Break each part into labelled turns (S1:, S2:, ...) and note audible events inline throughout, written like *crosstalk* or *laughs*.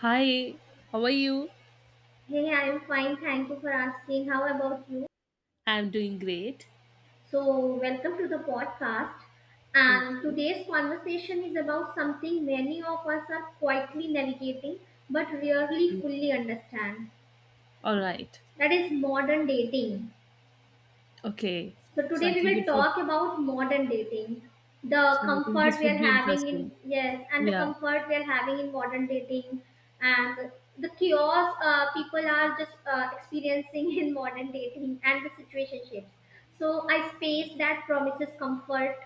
S1: Hi, how are you?
S2: Hey, I'm fine. Thank you for asking. How about you?
S1: I'm doing great.
S2: So, welcome to the podcast.
S1: Thank
S2: And
S1: you.
S2: today's conversation is about something many of us are quietly navigating but rarely
S1: Yeah.
S2: fully understand.
S1: All right.
S2: That is modern dating.
S1: Okay.
S2: So
S1: So
S2: today
S1: I
S2: we
S1: think it
S2: will
S1: would
S2: talk about modern dating, the
S1: so I think
S2: comfort
S1: this
S2: we
S1: would
S2: are
S1: be
S2: having
S1: interesting.
S2: in yes, and the
S1: Yeah.
S2: comfort we are having in modern dating, and the chaos people are just experiencing *laughs* in modern dating and the situationships. So a space that promises comfort,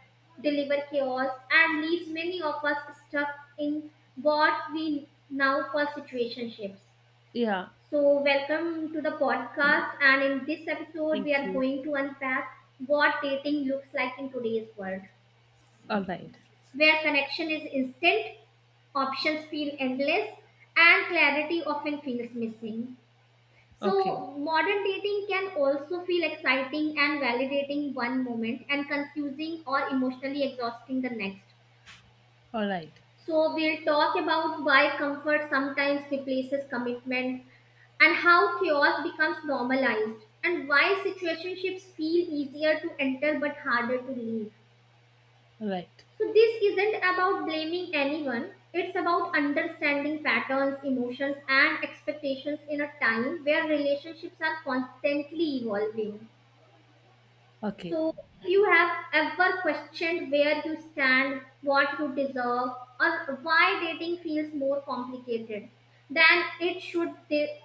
S2: deliver chaos, and leaves many of us stuck in what we now call situationships.
S1: Yeah.
S2: So, welcome to the podcast. And in this episode, we
S1: Thank
S2: are
S1: you.
S2: going to unpack what dating looks like in today's world,
S1: All right.
S2: where connection is instant, options feel endless, and clarity often feels missing.
S1: Okay.
S2: So, modern dating can also feel exciting and validating one moment and confusing or emotionally exhausting the next.
S1: All right.
S2: So, we'll talk about why comfort sometimes replaces commitment and how chaos becomes normalized and why situationships feel easier to enter but harder to leave.
S1: All right.
S2: So, this isn't about blaming anyone, it's about understanding patterns, emotions, and expectations in a time where relationships are constantly evolving.
S1: Okay.
S2: So, you have ever questioned where you stand, what you deserve, or why dating feels more complicated than it should?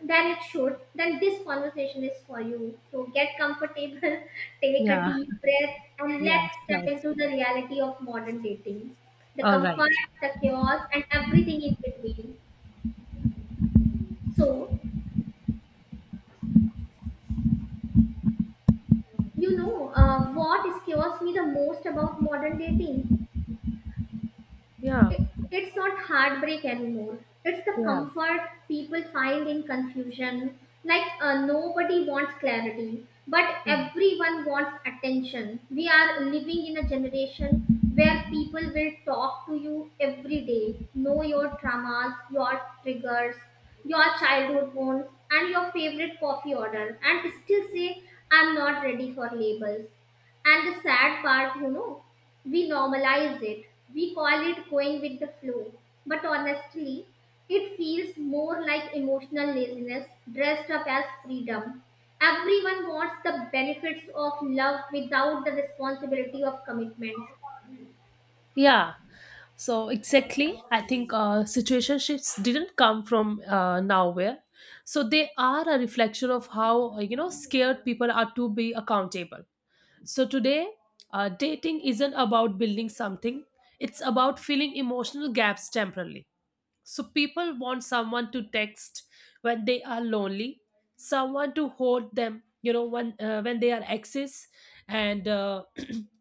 S2: Than it should. Then this conversation is for you. So get comfortable, *laughs* take a
S1: Yeah.
S2: deep breath, and
S1: Yeah.
S2: let's step
S1: Sure.
S2: into the reality of modern dating, the
S1: All
S2: comfort,
S1: right.
S2: the chaos, and everything in between. So what scares me the most about modern dating
S1: Yeah.
S2: it's not heartbreak anymore. It's the
S1: Yeah.
S2: comfort people find in confusion. Like nobody wants clarity, but everyone wants attention. We are living in a generation where people will talk to you every day, know your traumas, your triggers, your childhood wounds, and your favorite coffee order, and still say, I'm not ready for labels. And the sad part, we normalize it. We call it going with the flow. But honestly, it feels more like emotional laziness dressed up as freedom. Everyone wants the benefits of love without the responsibility of commitment.
S1: Yeah, so exactly. I think situationships didn't come from nowhere. So they are a reflection of how, scared people are to be accountable. So today, dating isn't about building something, it's about filling emotional gaps temporarily. So people want someone to text when they are lonely, someone to hold them, when they are exes, and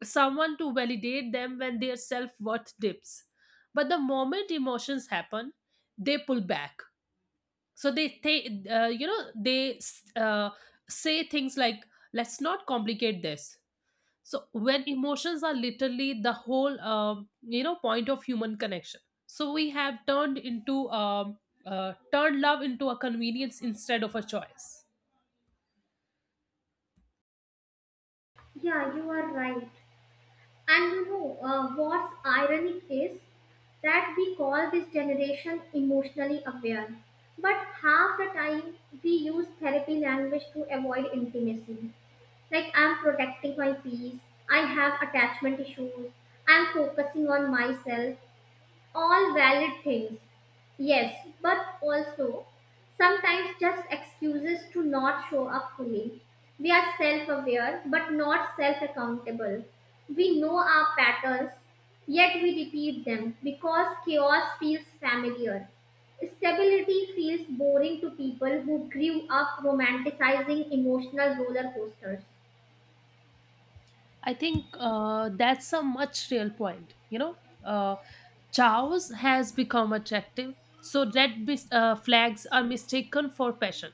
S1: someone to validate them when their self worth dips. But the moment emotions happen, they pull back. So they uh, say things like, "Let's not complicate this." So when emotions are literally the whole, point of human connection. So we have turned into turned love into a convenience instead of a choice.
S2: Yeah, you are right. And what's ironic is that we call this generation emotionally aware, but half the time we use therapy language to avoid intimacy. Like, I'm protecting my peace, I have attachment issues, I'm focusing on myself, all valid things, yes, but also sometimes just excuses to not show up fully. We are self-aware but not self-accountable. We know our patterns, yet we repeat them because chaos feels familiar. Stability feels boring to people who grew up romanticizing emotional roller coasters.
S1: I think that's a much real point. Uh, chaos has become attractive, so red flags are mistaken for passion.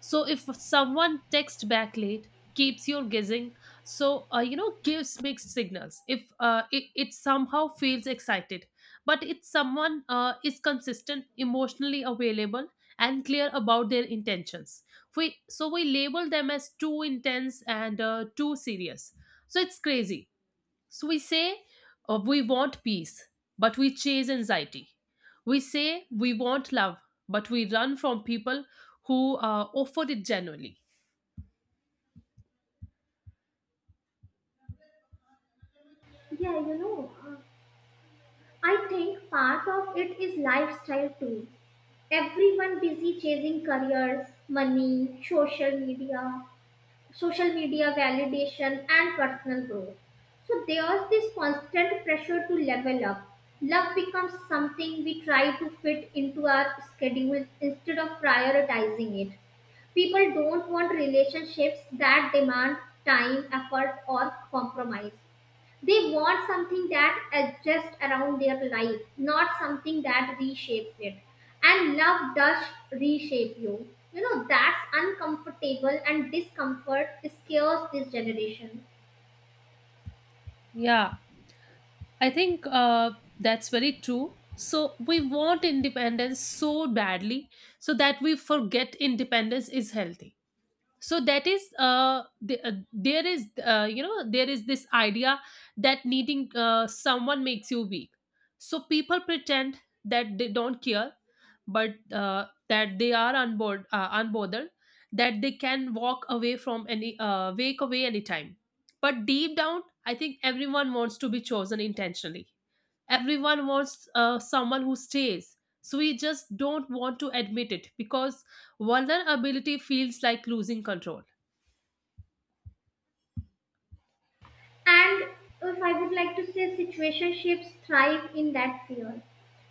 S1: So if someone texts back late, keeps you guessing. So gives mixed signals. If it somehow feels excited, but if someone is consistent, emotionally available, and clear about their intentions, we so we label them as too intense and too serious. So it's crazy, so we say we want peace, but we chase anxiety. We say we want love, but we run from people who offer it genuinely.
S2: Yeah, I think part of it is lifestyle too. Everyone busy chasing careers, money, social media validation, and personal growth. So there's this constant pressure to level up. Love becomes something we try to fit into our schedule instead of prioritizing it. People don't want relationships that demand time, effort, or compromise. They want something that adjusts around their life, not something that reshapes it. And love does reshape you. You know, that's uncomfortable and discomfort scares this generation.
S1: Yeah, I think that's very true. So we want independence so badly so that we forget independence is healthy, so that is there is there is this idea that needing someone makes you weak, so people pretend that they don't care, but that they are unbothered, that they can walk away from any wake away anytime, but deep down I think everyone wants to be chosen intentionally. Everyone wants someone who stays, so we just don't want to admit it because vulnerability feels like losing control.
S2: And if I would like to say, situationships thrive in that fear.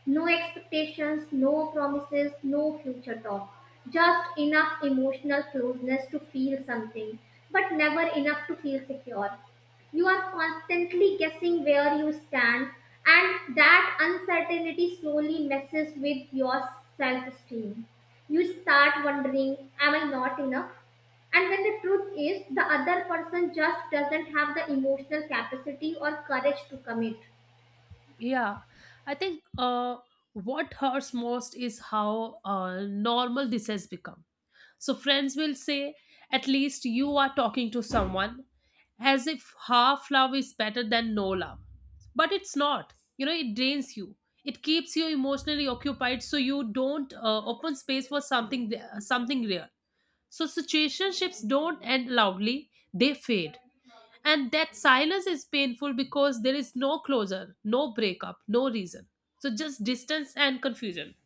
S2: No expectations, no promises, no future talk. Just enough emotional closeness to feel something, but never enough to feel secure. You are constantly guessing where you stand, and that uncertainty slowly messes with your self esteem. You start wondering, am I not enough? And when the truth is, the other person just doesn't have the emotional capacity or courage to commit.
S1: Yeah, I think what hurts most is how normal this has become. So friends will say, at least you are talking to someone, as if half love is better than no love. But it's not. You know, it drains you. It keeps you emotionally occupied, so you don't open space for something real. So situationships don't end loudly; they fade. And that silence is painful because there is no closure, no breakup, no reason. So just distance and confusion.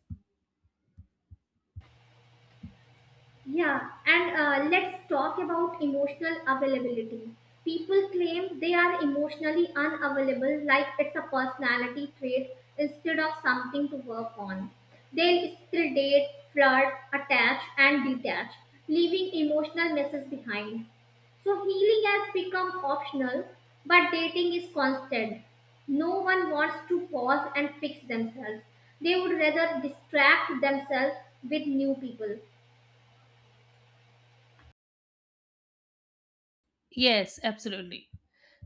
S2: Yeah, and let's talk about emotional availability. People claim they are emotionally unavailable, like it's a personality trait instead of something to work on. They'll still date, flirt, attach, and detach, leaving emotional messes behind. So healing has become optional, but dating is constant. No one wants to pause and fix themselves. They would rather distract themselves with new people.
S1: Yes, absolutely.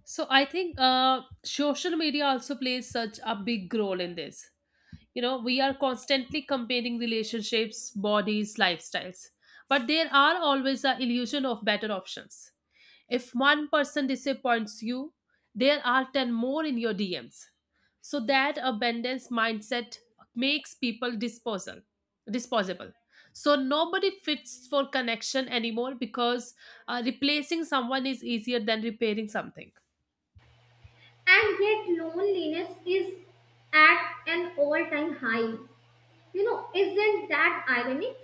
S1: So I think social media also plays such a big role in this. You know, we are constantly comparing relationships, bodies, lifestyles, but there are always a illusion of better options. If one person disappoints you, there are ten more in your DMs. So that abundance mindset makes people disposable. So nobody fits for connection anymore because replacing someone is easier than repairing something.
S2: And yet, loneliness is at an all time high. You know, isn't that ironic?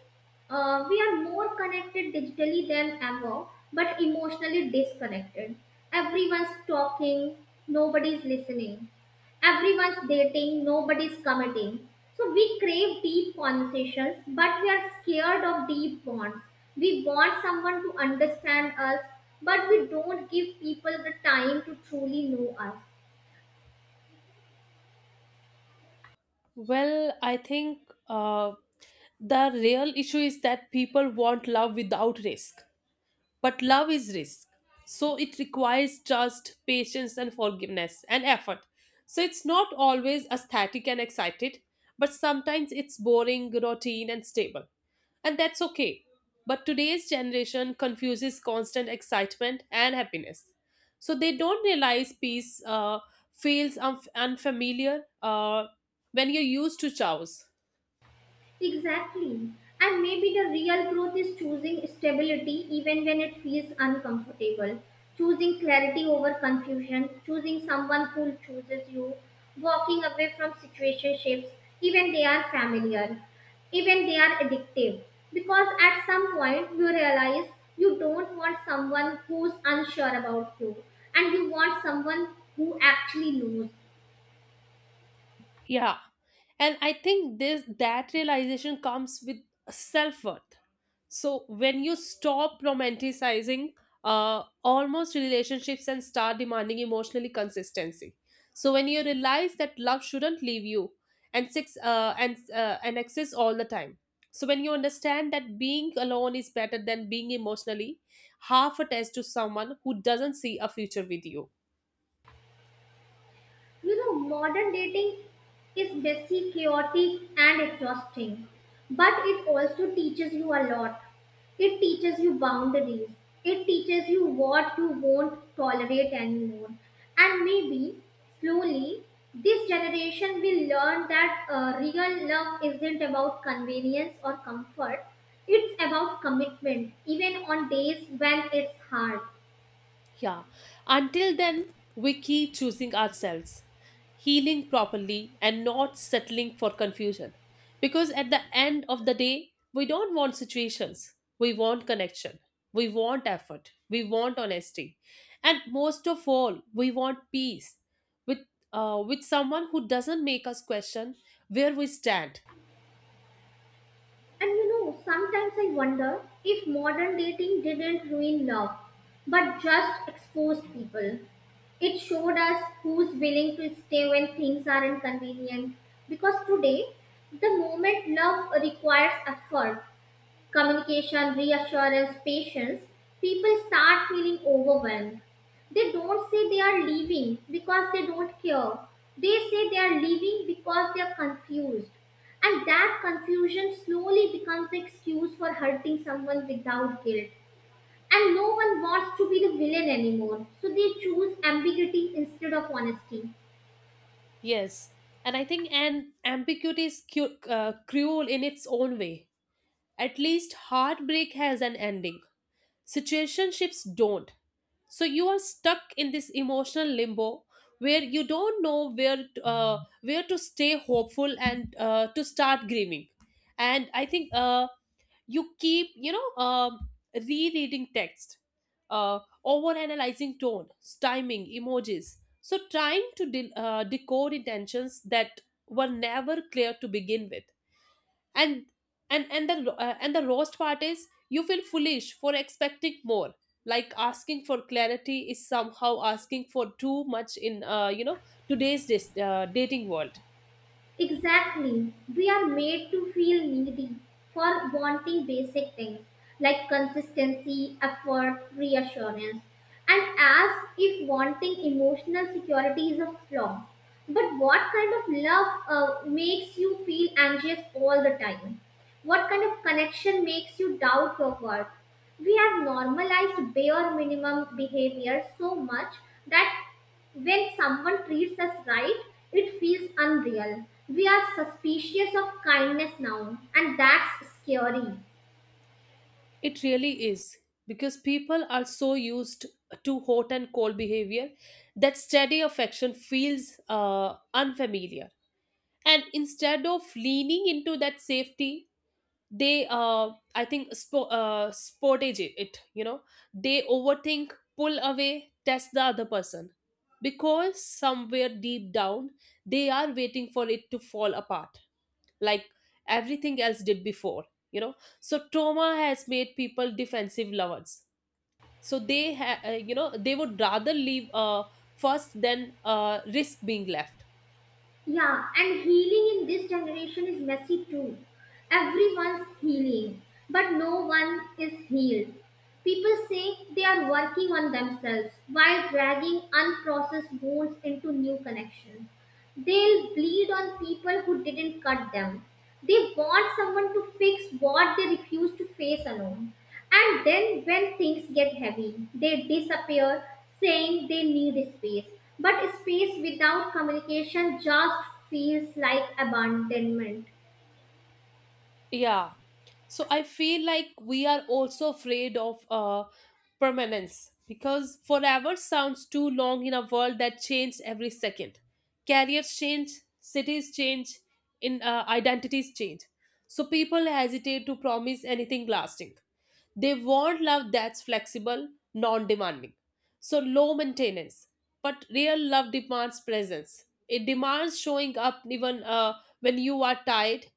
S2: We are more connected digitally than ever, but emotionally disconnected. Everyone's talking, nobody's listening. Everyone's dating, nobody's committing. So we crave deep conversations, but we are scared of deep bonds. We want someone to understand us, but we don't give people the time to truly know us.
S1: Well, I think uh, the real issue is that people want love without risk. But love is risk. So it requires trust, patience, and forgiveness and effort. So it's not always aesthetic and excited, but sometimes it's boring, routine, and stable. And that's okay. But today's generation confuses constant excitement and happiness. So they don't realize peace unfamiliar when you're used to chaos.
S2: Exactly. And maybe the real growth is choosing stability even when it feels uncomfortable, choosing clarity over confusion, choosing someone who chooses you, walking away from situationships, even they are familiar, even they are addictive. Because at some point you realize you don't want someone who's unsure about you and you want someone who actually knows.
S1: Yeah. And I think this that realization comes with self-worth, so when you stop romanticizing almost relationships and start demanding emotionally consistency, so when you realize that love shouldn't leave you and six and exist all the time, so when you understand that being alone is better than being emotionally half attached to someone who doesn't see a future with you.
S2: You know, modern dating is messy, chaotic, and exhausting, but it also teaches you a lot. It teaches you boundaries, it teaches you what you won't tolerate anymore. And maybe slowly, this generation will learn that real love isn't about convenience or comfort, it's about commitment, even on days when it's hard.
S1: Yeah. Until then, we keep choosing ourselves, healing properly, and not settling for confusion. Because at the end of the day, we don't want situations. We want connection. We want effort. We want honesty. And most of all, we want peace with, with someone who doesn't make us question where we stand.
S2: And you know, sometimes I wonder if modern dating didn't ruin love, but just exposed people. It showed us who's willing to stay when things are inconvenient. Because today, the moment love requires effort, communication, reassurance, patience, people start feeling overwhelmed. They don't say they are leaving because they don't care. They say they are leaving because they are confused. And that confusion slowly becomes the excuse for hurting someone without guilt. And no one wants to be the villain anymore, so they choose ambiguity instead of honesty.
S1: Yes, and I think an ambiguity is cruel in its own way. At least heartbreak has an ending. Situationships don't. So you are stuck in this emotional limbo where you don't know where to stay hopeful and to start grieving. And I think you keep rereading text, over analyzing tone, timing, emojis, so trying to decode intentions that were never clear to begin with. And and and the uh, and the worst part is you feel foolish for expecting more, like asking for clarity is somehow asking for too much in, today's dating world.
S2: Exactly. We are made to feel needy for wanting basic things like consistency, effort, reassurance, and as if wanting emotional security is a flaw. But what kind of love makes you feel anxious all the time? What kind of connection makes you doubt your worth? We have normalized bare minimum behavior so much that when someone treats us right, it feels unreal. We are suspicious of kindness now, and that's scary.
S1: It really is because people are so used to hot and cold behavior that steady affection feels unfamiliar. And instead of leaning into that safety, I think, sportage it. You know, they overthink, pull away, test the other person because somewhere deep down they are waiting for it to fall apart like everything else did before, you know. So trauma has made people defensive lovers, so they would rather leave first than risk being left.
S2: Yeah, and healing in this generation is messy too. Everyone's healing, but no one is healed. People say they are working on themselves while dragging unprocessed wounds into new connections. They'll bleed on people who didn't cut them. They want someone to fix what they refuse to face alone. And then when things get heavy, they disappear saying they need space. But space without communication just feels like abandonment.
S1: Yeah, so I feel like we are also afraid of permanence because forever sounds too long in a world that changes every second. Careers change, cities change, in identities change, so people hesitate to promise anything lasting. They want love that's flexible, non-demanding, so low maintenance, but real love demands presence. It demands showing up even when you are tired,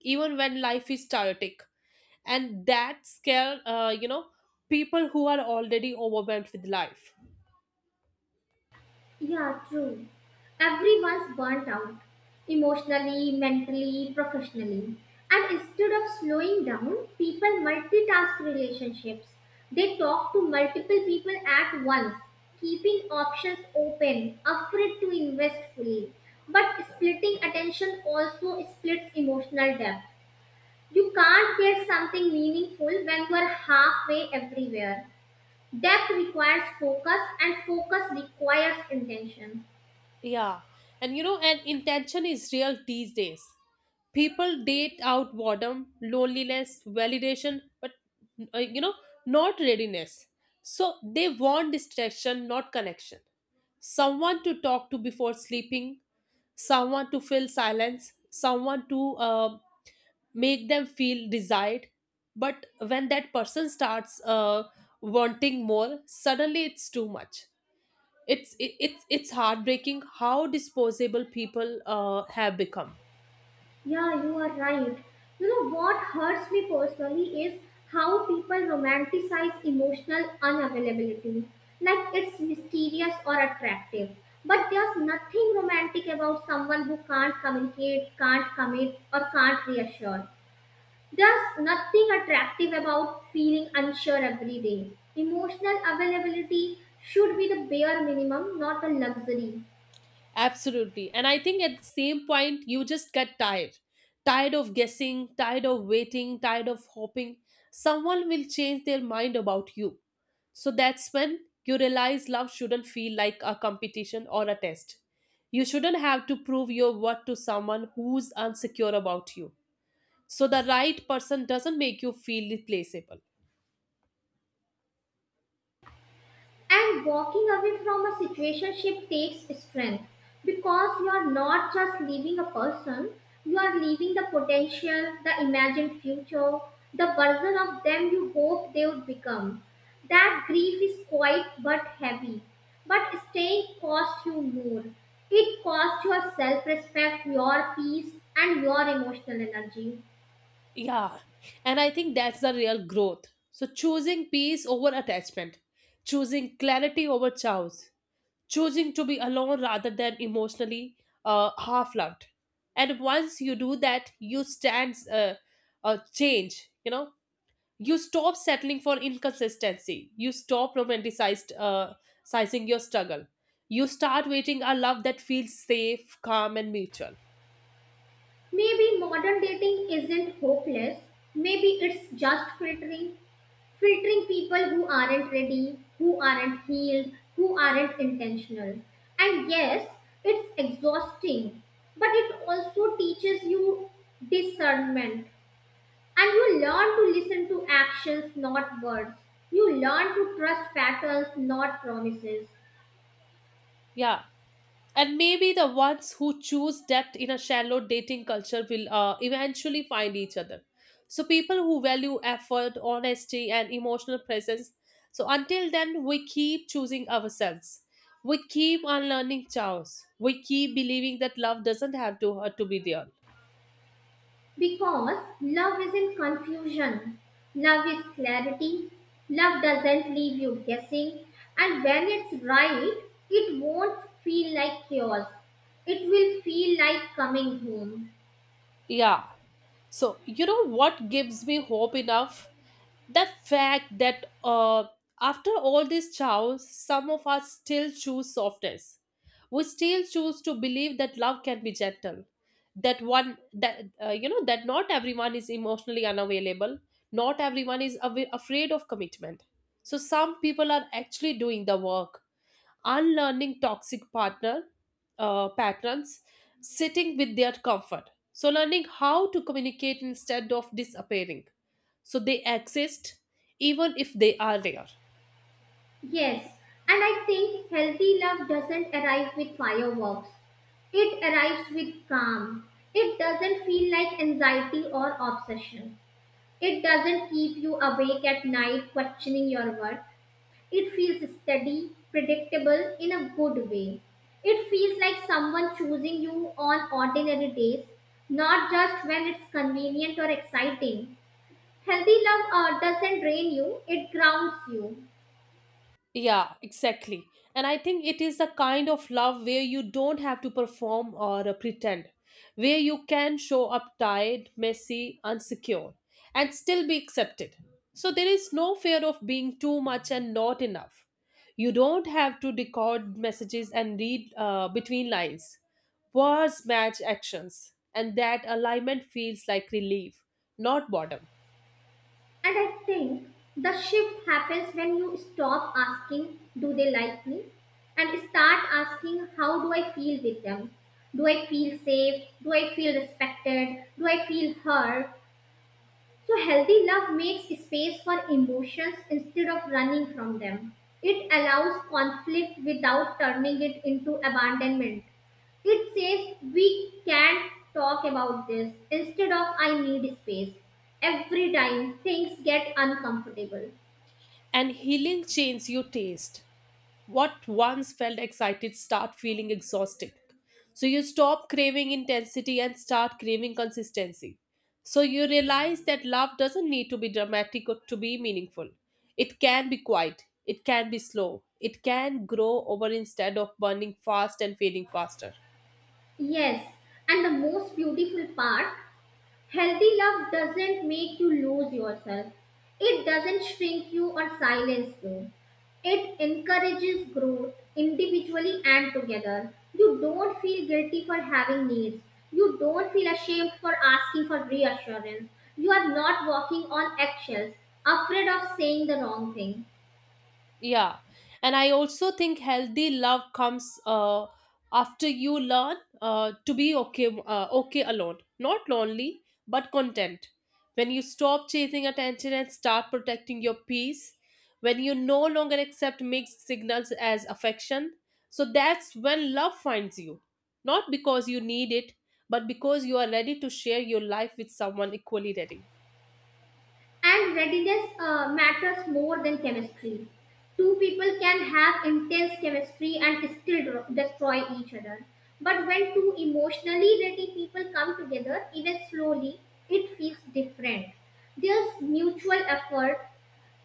S1: even when life is chaotic, and that scare people who are already overwhelmed with life.
S2: Yeah, true. Everyone's burnt out emotionally, mentally, professionally. And instead of slowing down, people multitask relationships. They talk to multiple people at once, keeping options open, afraid to invest fully. But splitting attention also splits emotional depth. You can't get something meaningful when you are halfway everywhere. Depth requires focus, and focus requires intention.
S1: Yeah. And you know, and intention is real these days. People date out boredom, loneliness, validation, but, uh, you know, not readiness. So they want distraction, not connection. Someone to talk to before sleeping, someone to fill silence, someone to make them feel desired. But when that person starts wanting more, suddenly it's too much. It's it, it's it's heartbreaking how disposable people have become.
S2: Yeah, you are right. You know what hurts me personally is how people romanticize emotional unavailability. Like it's mysterious or attractive. But there's nothing romantic about someone who can't communicate, can't commit, or can't reassure. There's nothing attractive about feeling unsure every day. Emotional availability should be the bare minimum, not a luxury.
S1: Absolutely. And I think at the same point you just get tired, tired of guessing, tired of waiting, tired of hoping someone will change their mind about you. So that's when you realize love shouldn't feel like a competition or a test. You shouldn't have to prove your worth to someone who's insecure about you, so the right person doesn't make you feel replaceable.
S2: And walking away from a situationship takes strength because you are not just leaving a person, you are leaving the potential, the imagined future, the version of them you hope they would become. That grief is quiet but heavy, but staying costs you more. It costs your self respect, your peace, and your emotional energy.
S1: Yeah, and I think that's the real growth. So, choosing peace over attachment, choosing clarity over chows, choosing to be alone rather than emotionally half loved. And once you do that, you stand change, you stop settling for inconsistency, you stop romanticized sizing your struggle, you start waiting a love that feels safe, calm, and mutual.
S2: Maybe modern dating isn't hopeless, maybe it's just filtering people who aren't ready, who aren't healed, who aren't intentional. And yes, it's exhausting, but it also teaches you discernment. And you learn to listen to actions, not words. You learn to trust patterns, not promises.
S1: Yeah. And maybe the ones who choose depth in a shallow dating culture will eventually find each other. So, people who value effort, honesty, and emotional presence. So, until then, we keep choosing ourselves. We keep unlearning chaos. We keep believing that love doesn't have to hurt to be there.
S2: Because love isn't confusion, love is clarity, love doesn't leave you guessing, and when it's right, it won't feel like chaos. It will feel like coming home.
S1: Yeah. So, you know what gives me hope enough? The fact that after all this chaos, some of us still choose softness. We still choose to believe that love can be gentle. That one, that that not everyone is emotionally unavailable. Not everyone is afraid of commitment. So some people are actually doing the work, unlearning toxic partner patterns, sitting with their comfort. So, learning how to communicate instead of disappearing. So, they exist, even if they are rare.
S2: Yes, and I think healthy love doesn't arrive with fireworks. It arrives with calm. It doesn't feel like anxiety or obsession. It doesn't keep you awake at night questioning your worth. It feels steady, predictable in a good way. It feels like someone choosing you on ordinary days, not just when it's convenient or exciting. Healthy love doesn't drain you, it grounds you.
S1: Yeah, exactly. And I think it is a kind of love where you don't have to perform or pretend, where you can show up tired, messy, insecure, and still be accepted. So there is no fear of being too much and not enough. You don't have to decode messages and read between lines. Words match actions, and that alignment feels like relief, not boredom.
S2: And I think the shift happens when you stop asking, do they like me? And start asking, how do I feel with them? Do I feel safe? Do I feel respected? Do I feel heard? So, healthy love makes space for emotions instead of running from them. It allows conflict without turning it into abandonment. It says, we can't talk about this, instead of I need space every time things get uncomfortable.
S1: And healing changes your taste. What once felt excited start feeling exhausting, so you stop craving intensity and start craving consistency. So you realize that love doesn't need to be dramatic or to be meaningful. It can be quiet, it can be slow, it can grow over instead of burning fast and fading faster.
S2: Yes, and the most beautiful part, healthy love doesn't make you lose yourself. It doesn't shrink you or silence you. It encourages growth individually and together. You don't feel guilty for having needs. You don't feel ashamed for asking for reassurance. You are not walking on eggshells, afraid of saying the wrong thing.
S1: Yeah. And I also think healthy love comes after you learn to be okay alone, not lonely, but content. When you stop chasing attention and start protecting your peace, when you no longer accept mixed signals as affection, so that's when love finds you. Not because you need it, but because you are ready to share your life with someone equally ready.
S2: And readiness matters more than chemistry. Two people can have intense chemistry and still destroy each other. But when two emotionally ready people come together, even slowly, it feels different. There's mutual effort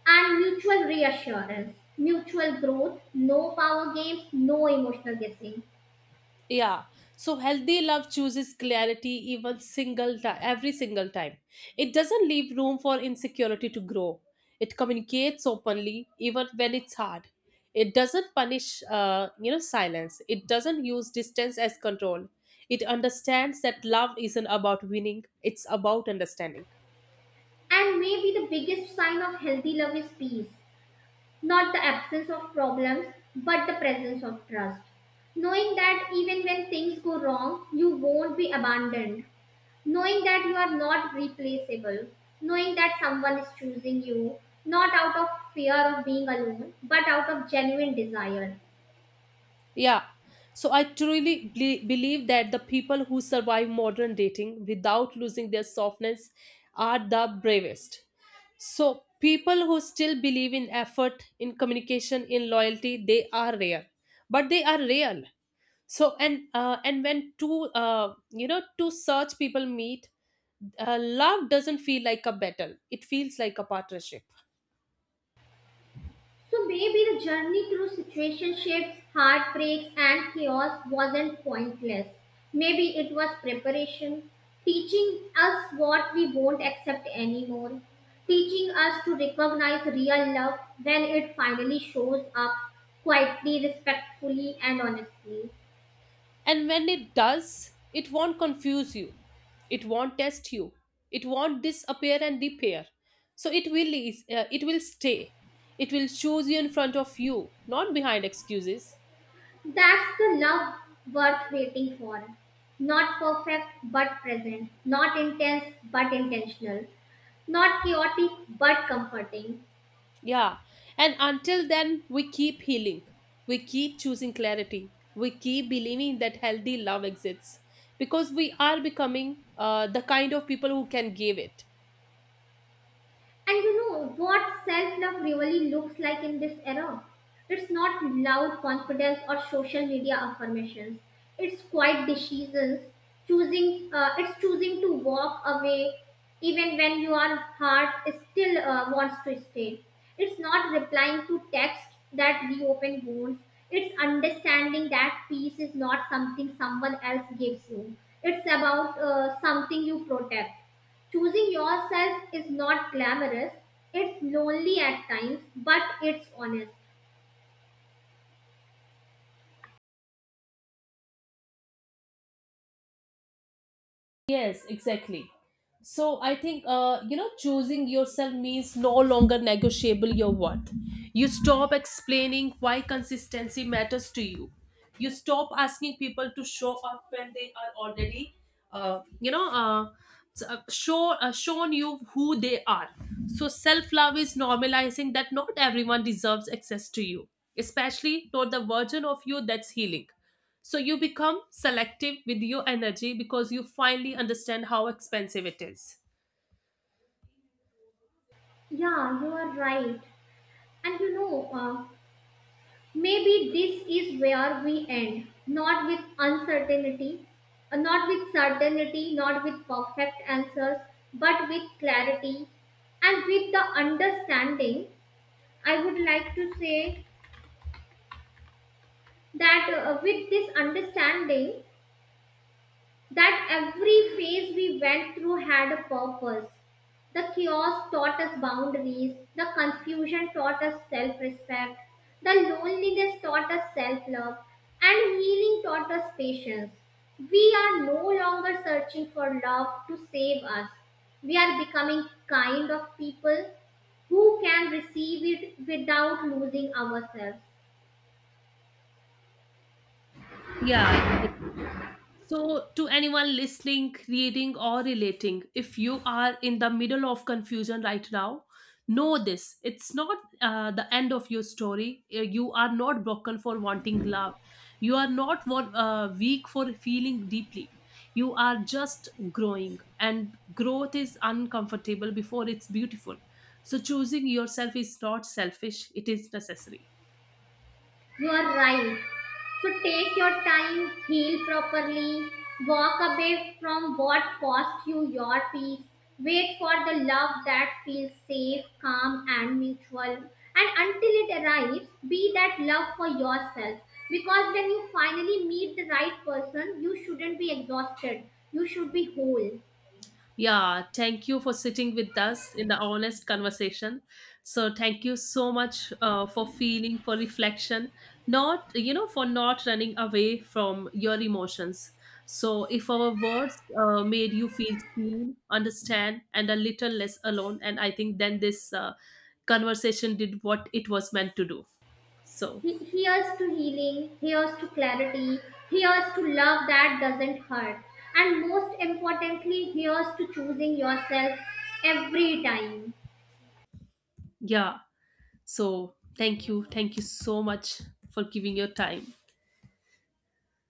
S2: and mutual reassurance, mutual growth, no power games, no emotional guessing.
S1: Yeah, so healthy love chooses clarity even single time every single time. It doesn't leave room for insecurity to grow, it communicates openly even when it's hard. It doesn't punish silence, it doesn't use distance as control. It understands that love isn't about winning, it's about understanding.
S2: And maybe the biggest sign of healthy love is peace. Not the absence of problems, but the presence of trust. Knowing that even when things go wrong, you won't be abandoned. Knowing that you are not replaceable. Knowing that someone is choosing you, not out of fear of being alone, but out of genuine desire.
S1: Yeah. So I truly believe that the people who survive modern dating without losing their softness are the bravest. So people who still believe in effort, in communication, in loyalty, they are rare, but they are real. So and when two two such people meet, love doesn't feel like a battle. It feels like a partnership.
S2: So maybe the journey through situationships, heartbreaks, and chaos wasn't pointless. Maybe it was preparation, teaching us what we won't accept anymore, teaching us to recognize real love when it finally shows up quietly, respectfully, and honestly.
S1: And when it does, it won't confuse you, it won't test you, it won't disappear and repair. So it will stay. It will choose you in front of you, not behind excuses.
S2: That's the love worth waiting for. Not perfect but present, not intense but intentional, not chaotic but comforting.
S1: Yeah. And until then, we keep healing. We keep choosing clarity. We keep believing that healthy love exists because we are becoming the kind of people who can give it.
S2: And you know what self love really looks like in this era? It's not loud confidence or social media affirmations. It's quiet decisions, it's choosing to walk away even when your heart is still wants to stay. It's not replying to texts that reopen wounds. It's understanding that peace is not something someone else gives you. It's about something you protect. Choosing yourself is not glamorous. It's lonely at times, but it's honest.
S1: Yes, exactly. So I think, choosing yourself means no longer negotiable your worth. You stop explaining why consistency matters to you. You stop asking people to show up when they are already, uh, you know uh, shown you who they are. So self love is normalizing that not everyone deserves access to you, especially not the version of you that's healing. So you become selective with your energy because you finally understand how expensive it is.
S2: Yeah, you are right. And maybe this is where we end. Not with uncertainty, not with certainty, not with perfect answers, but with clarity and with the understanding. I would like to say that with this understanding, that every phase we went through had a purpose. The chaos taught us boundaries, the confusion taught us self respect, the loneliness taught us self love, and healing taught us patience. We are no longer searching for love to save us. We are becoming kind of people who can receive it without losing ourselves.
S1: Yeah, exactly. So, to anyone listening, reading, or relating, if you are in the middle of confusion right now, know this: it's not the end of your story. You are not broken for wanting love. You are not weak for feeling deeply. You are just growing, and growth is uncomfortable before it's beautiful. So, choosing yourself is not selfish, it is necessary.
S2: You are right. So take your time, heal properly, walk away from what cost you your peace, wait for the love that feels safe, calm, and mutual. And until it arrives, be that love for yourself. Because when you finally meet the right person, you shouldn't be exhausted, you should be whole.
S1: Yeah, thank you for sitting with us in the honest conversation. So thank you so much for feeling, for reflection, not for not running away from your emotions. So if our words made you feel seen, understand, and a little less alone, and I think then this conversation did what it was meant to do. So,
S2: He hears to healing, hears to clarity, hears to love that doesn't hurt, and most importantly, hears to choosing yourself every time.
S1: yeah, so thank you. Thank you so much for giving your time.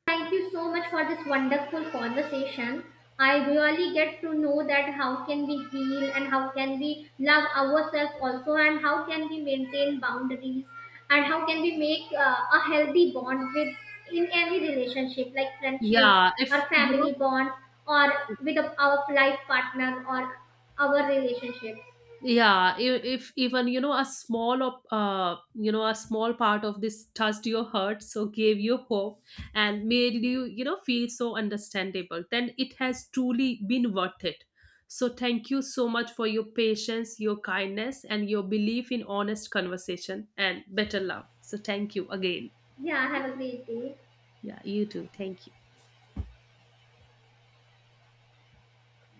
S2: Thank you so much for this wonderful conversation. I really get to know that how can we heal and how can we love ourselves also and how can we maintain boundaries and how can we make a healthy bond with in any relationship like friendship
S1: Yeah, if
S2: or
S1: you know,
S2: family bonds or with our life partner or our relationships.
S1: yeah, if even a small of a small part of this touched your heart, so gave you hope and made you you know feel so understandable, then it has truly been worth it. So thank you so much for your patience, your kindness, and your belief in honest conversation and better love. So thank you again.
S2: Yeah, have a great day.
S1: Yeah, you too. Thank you.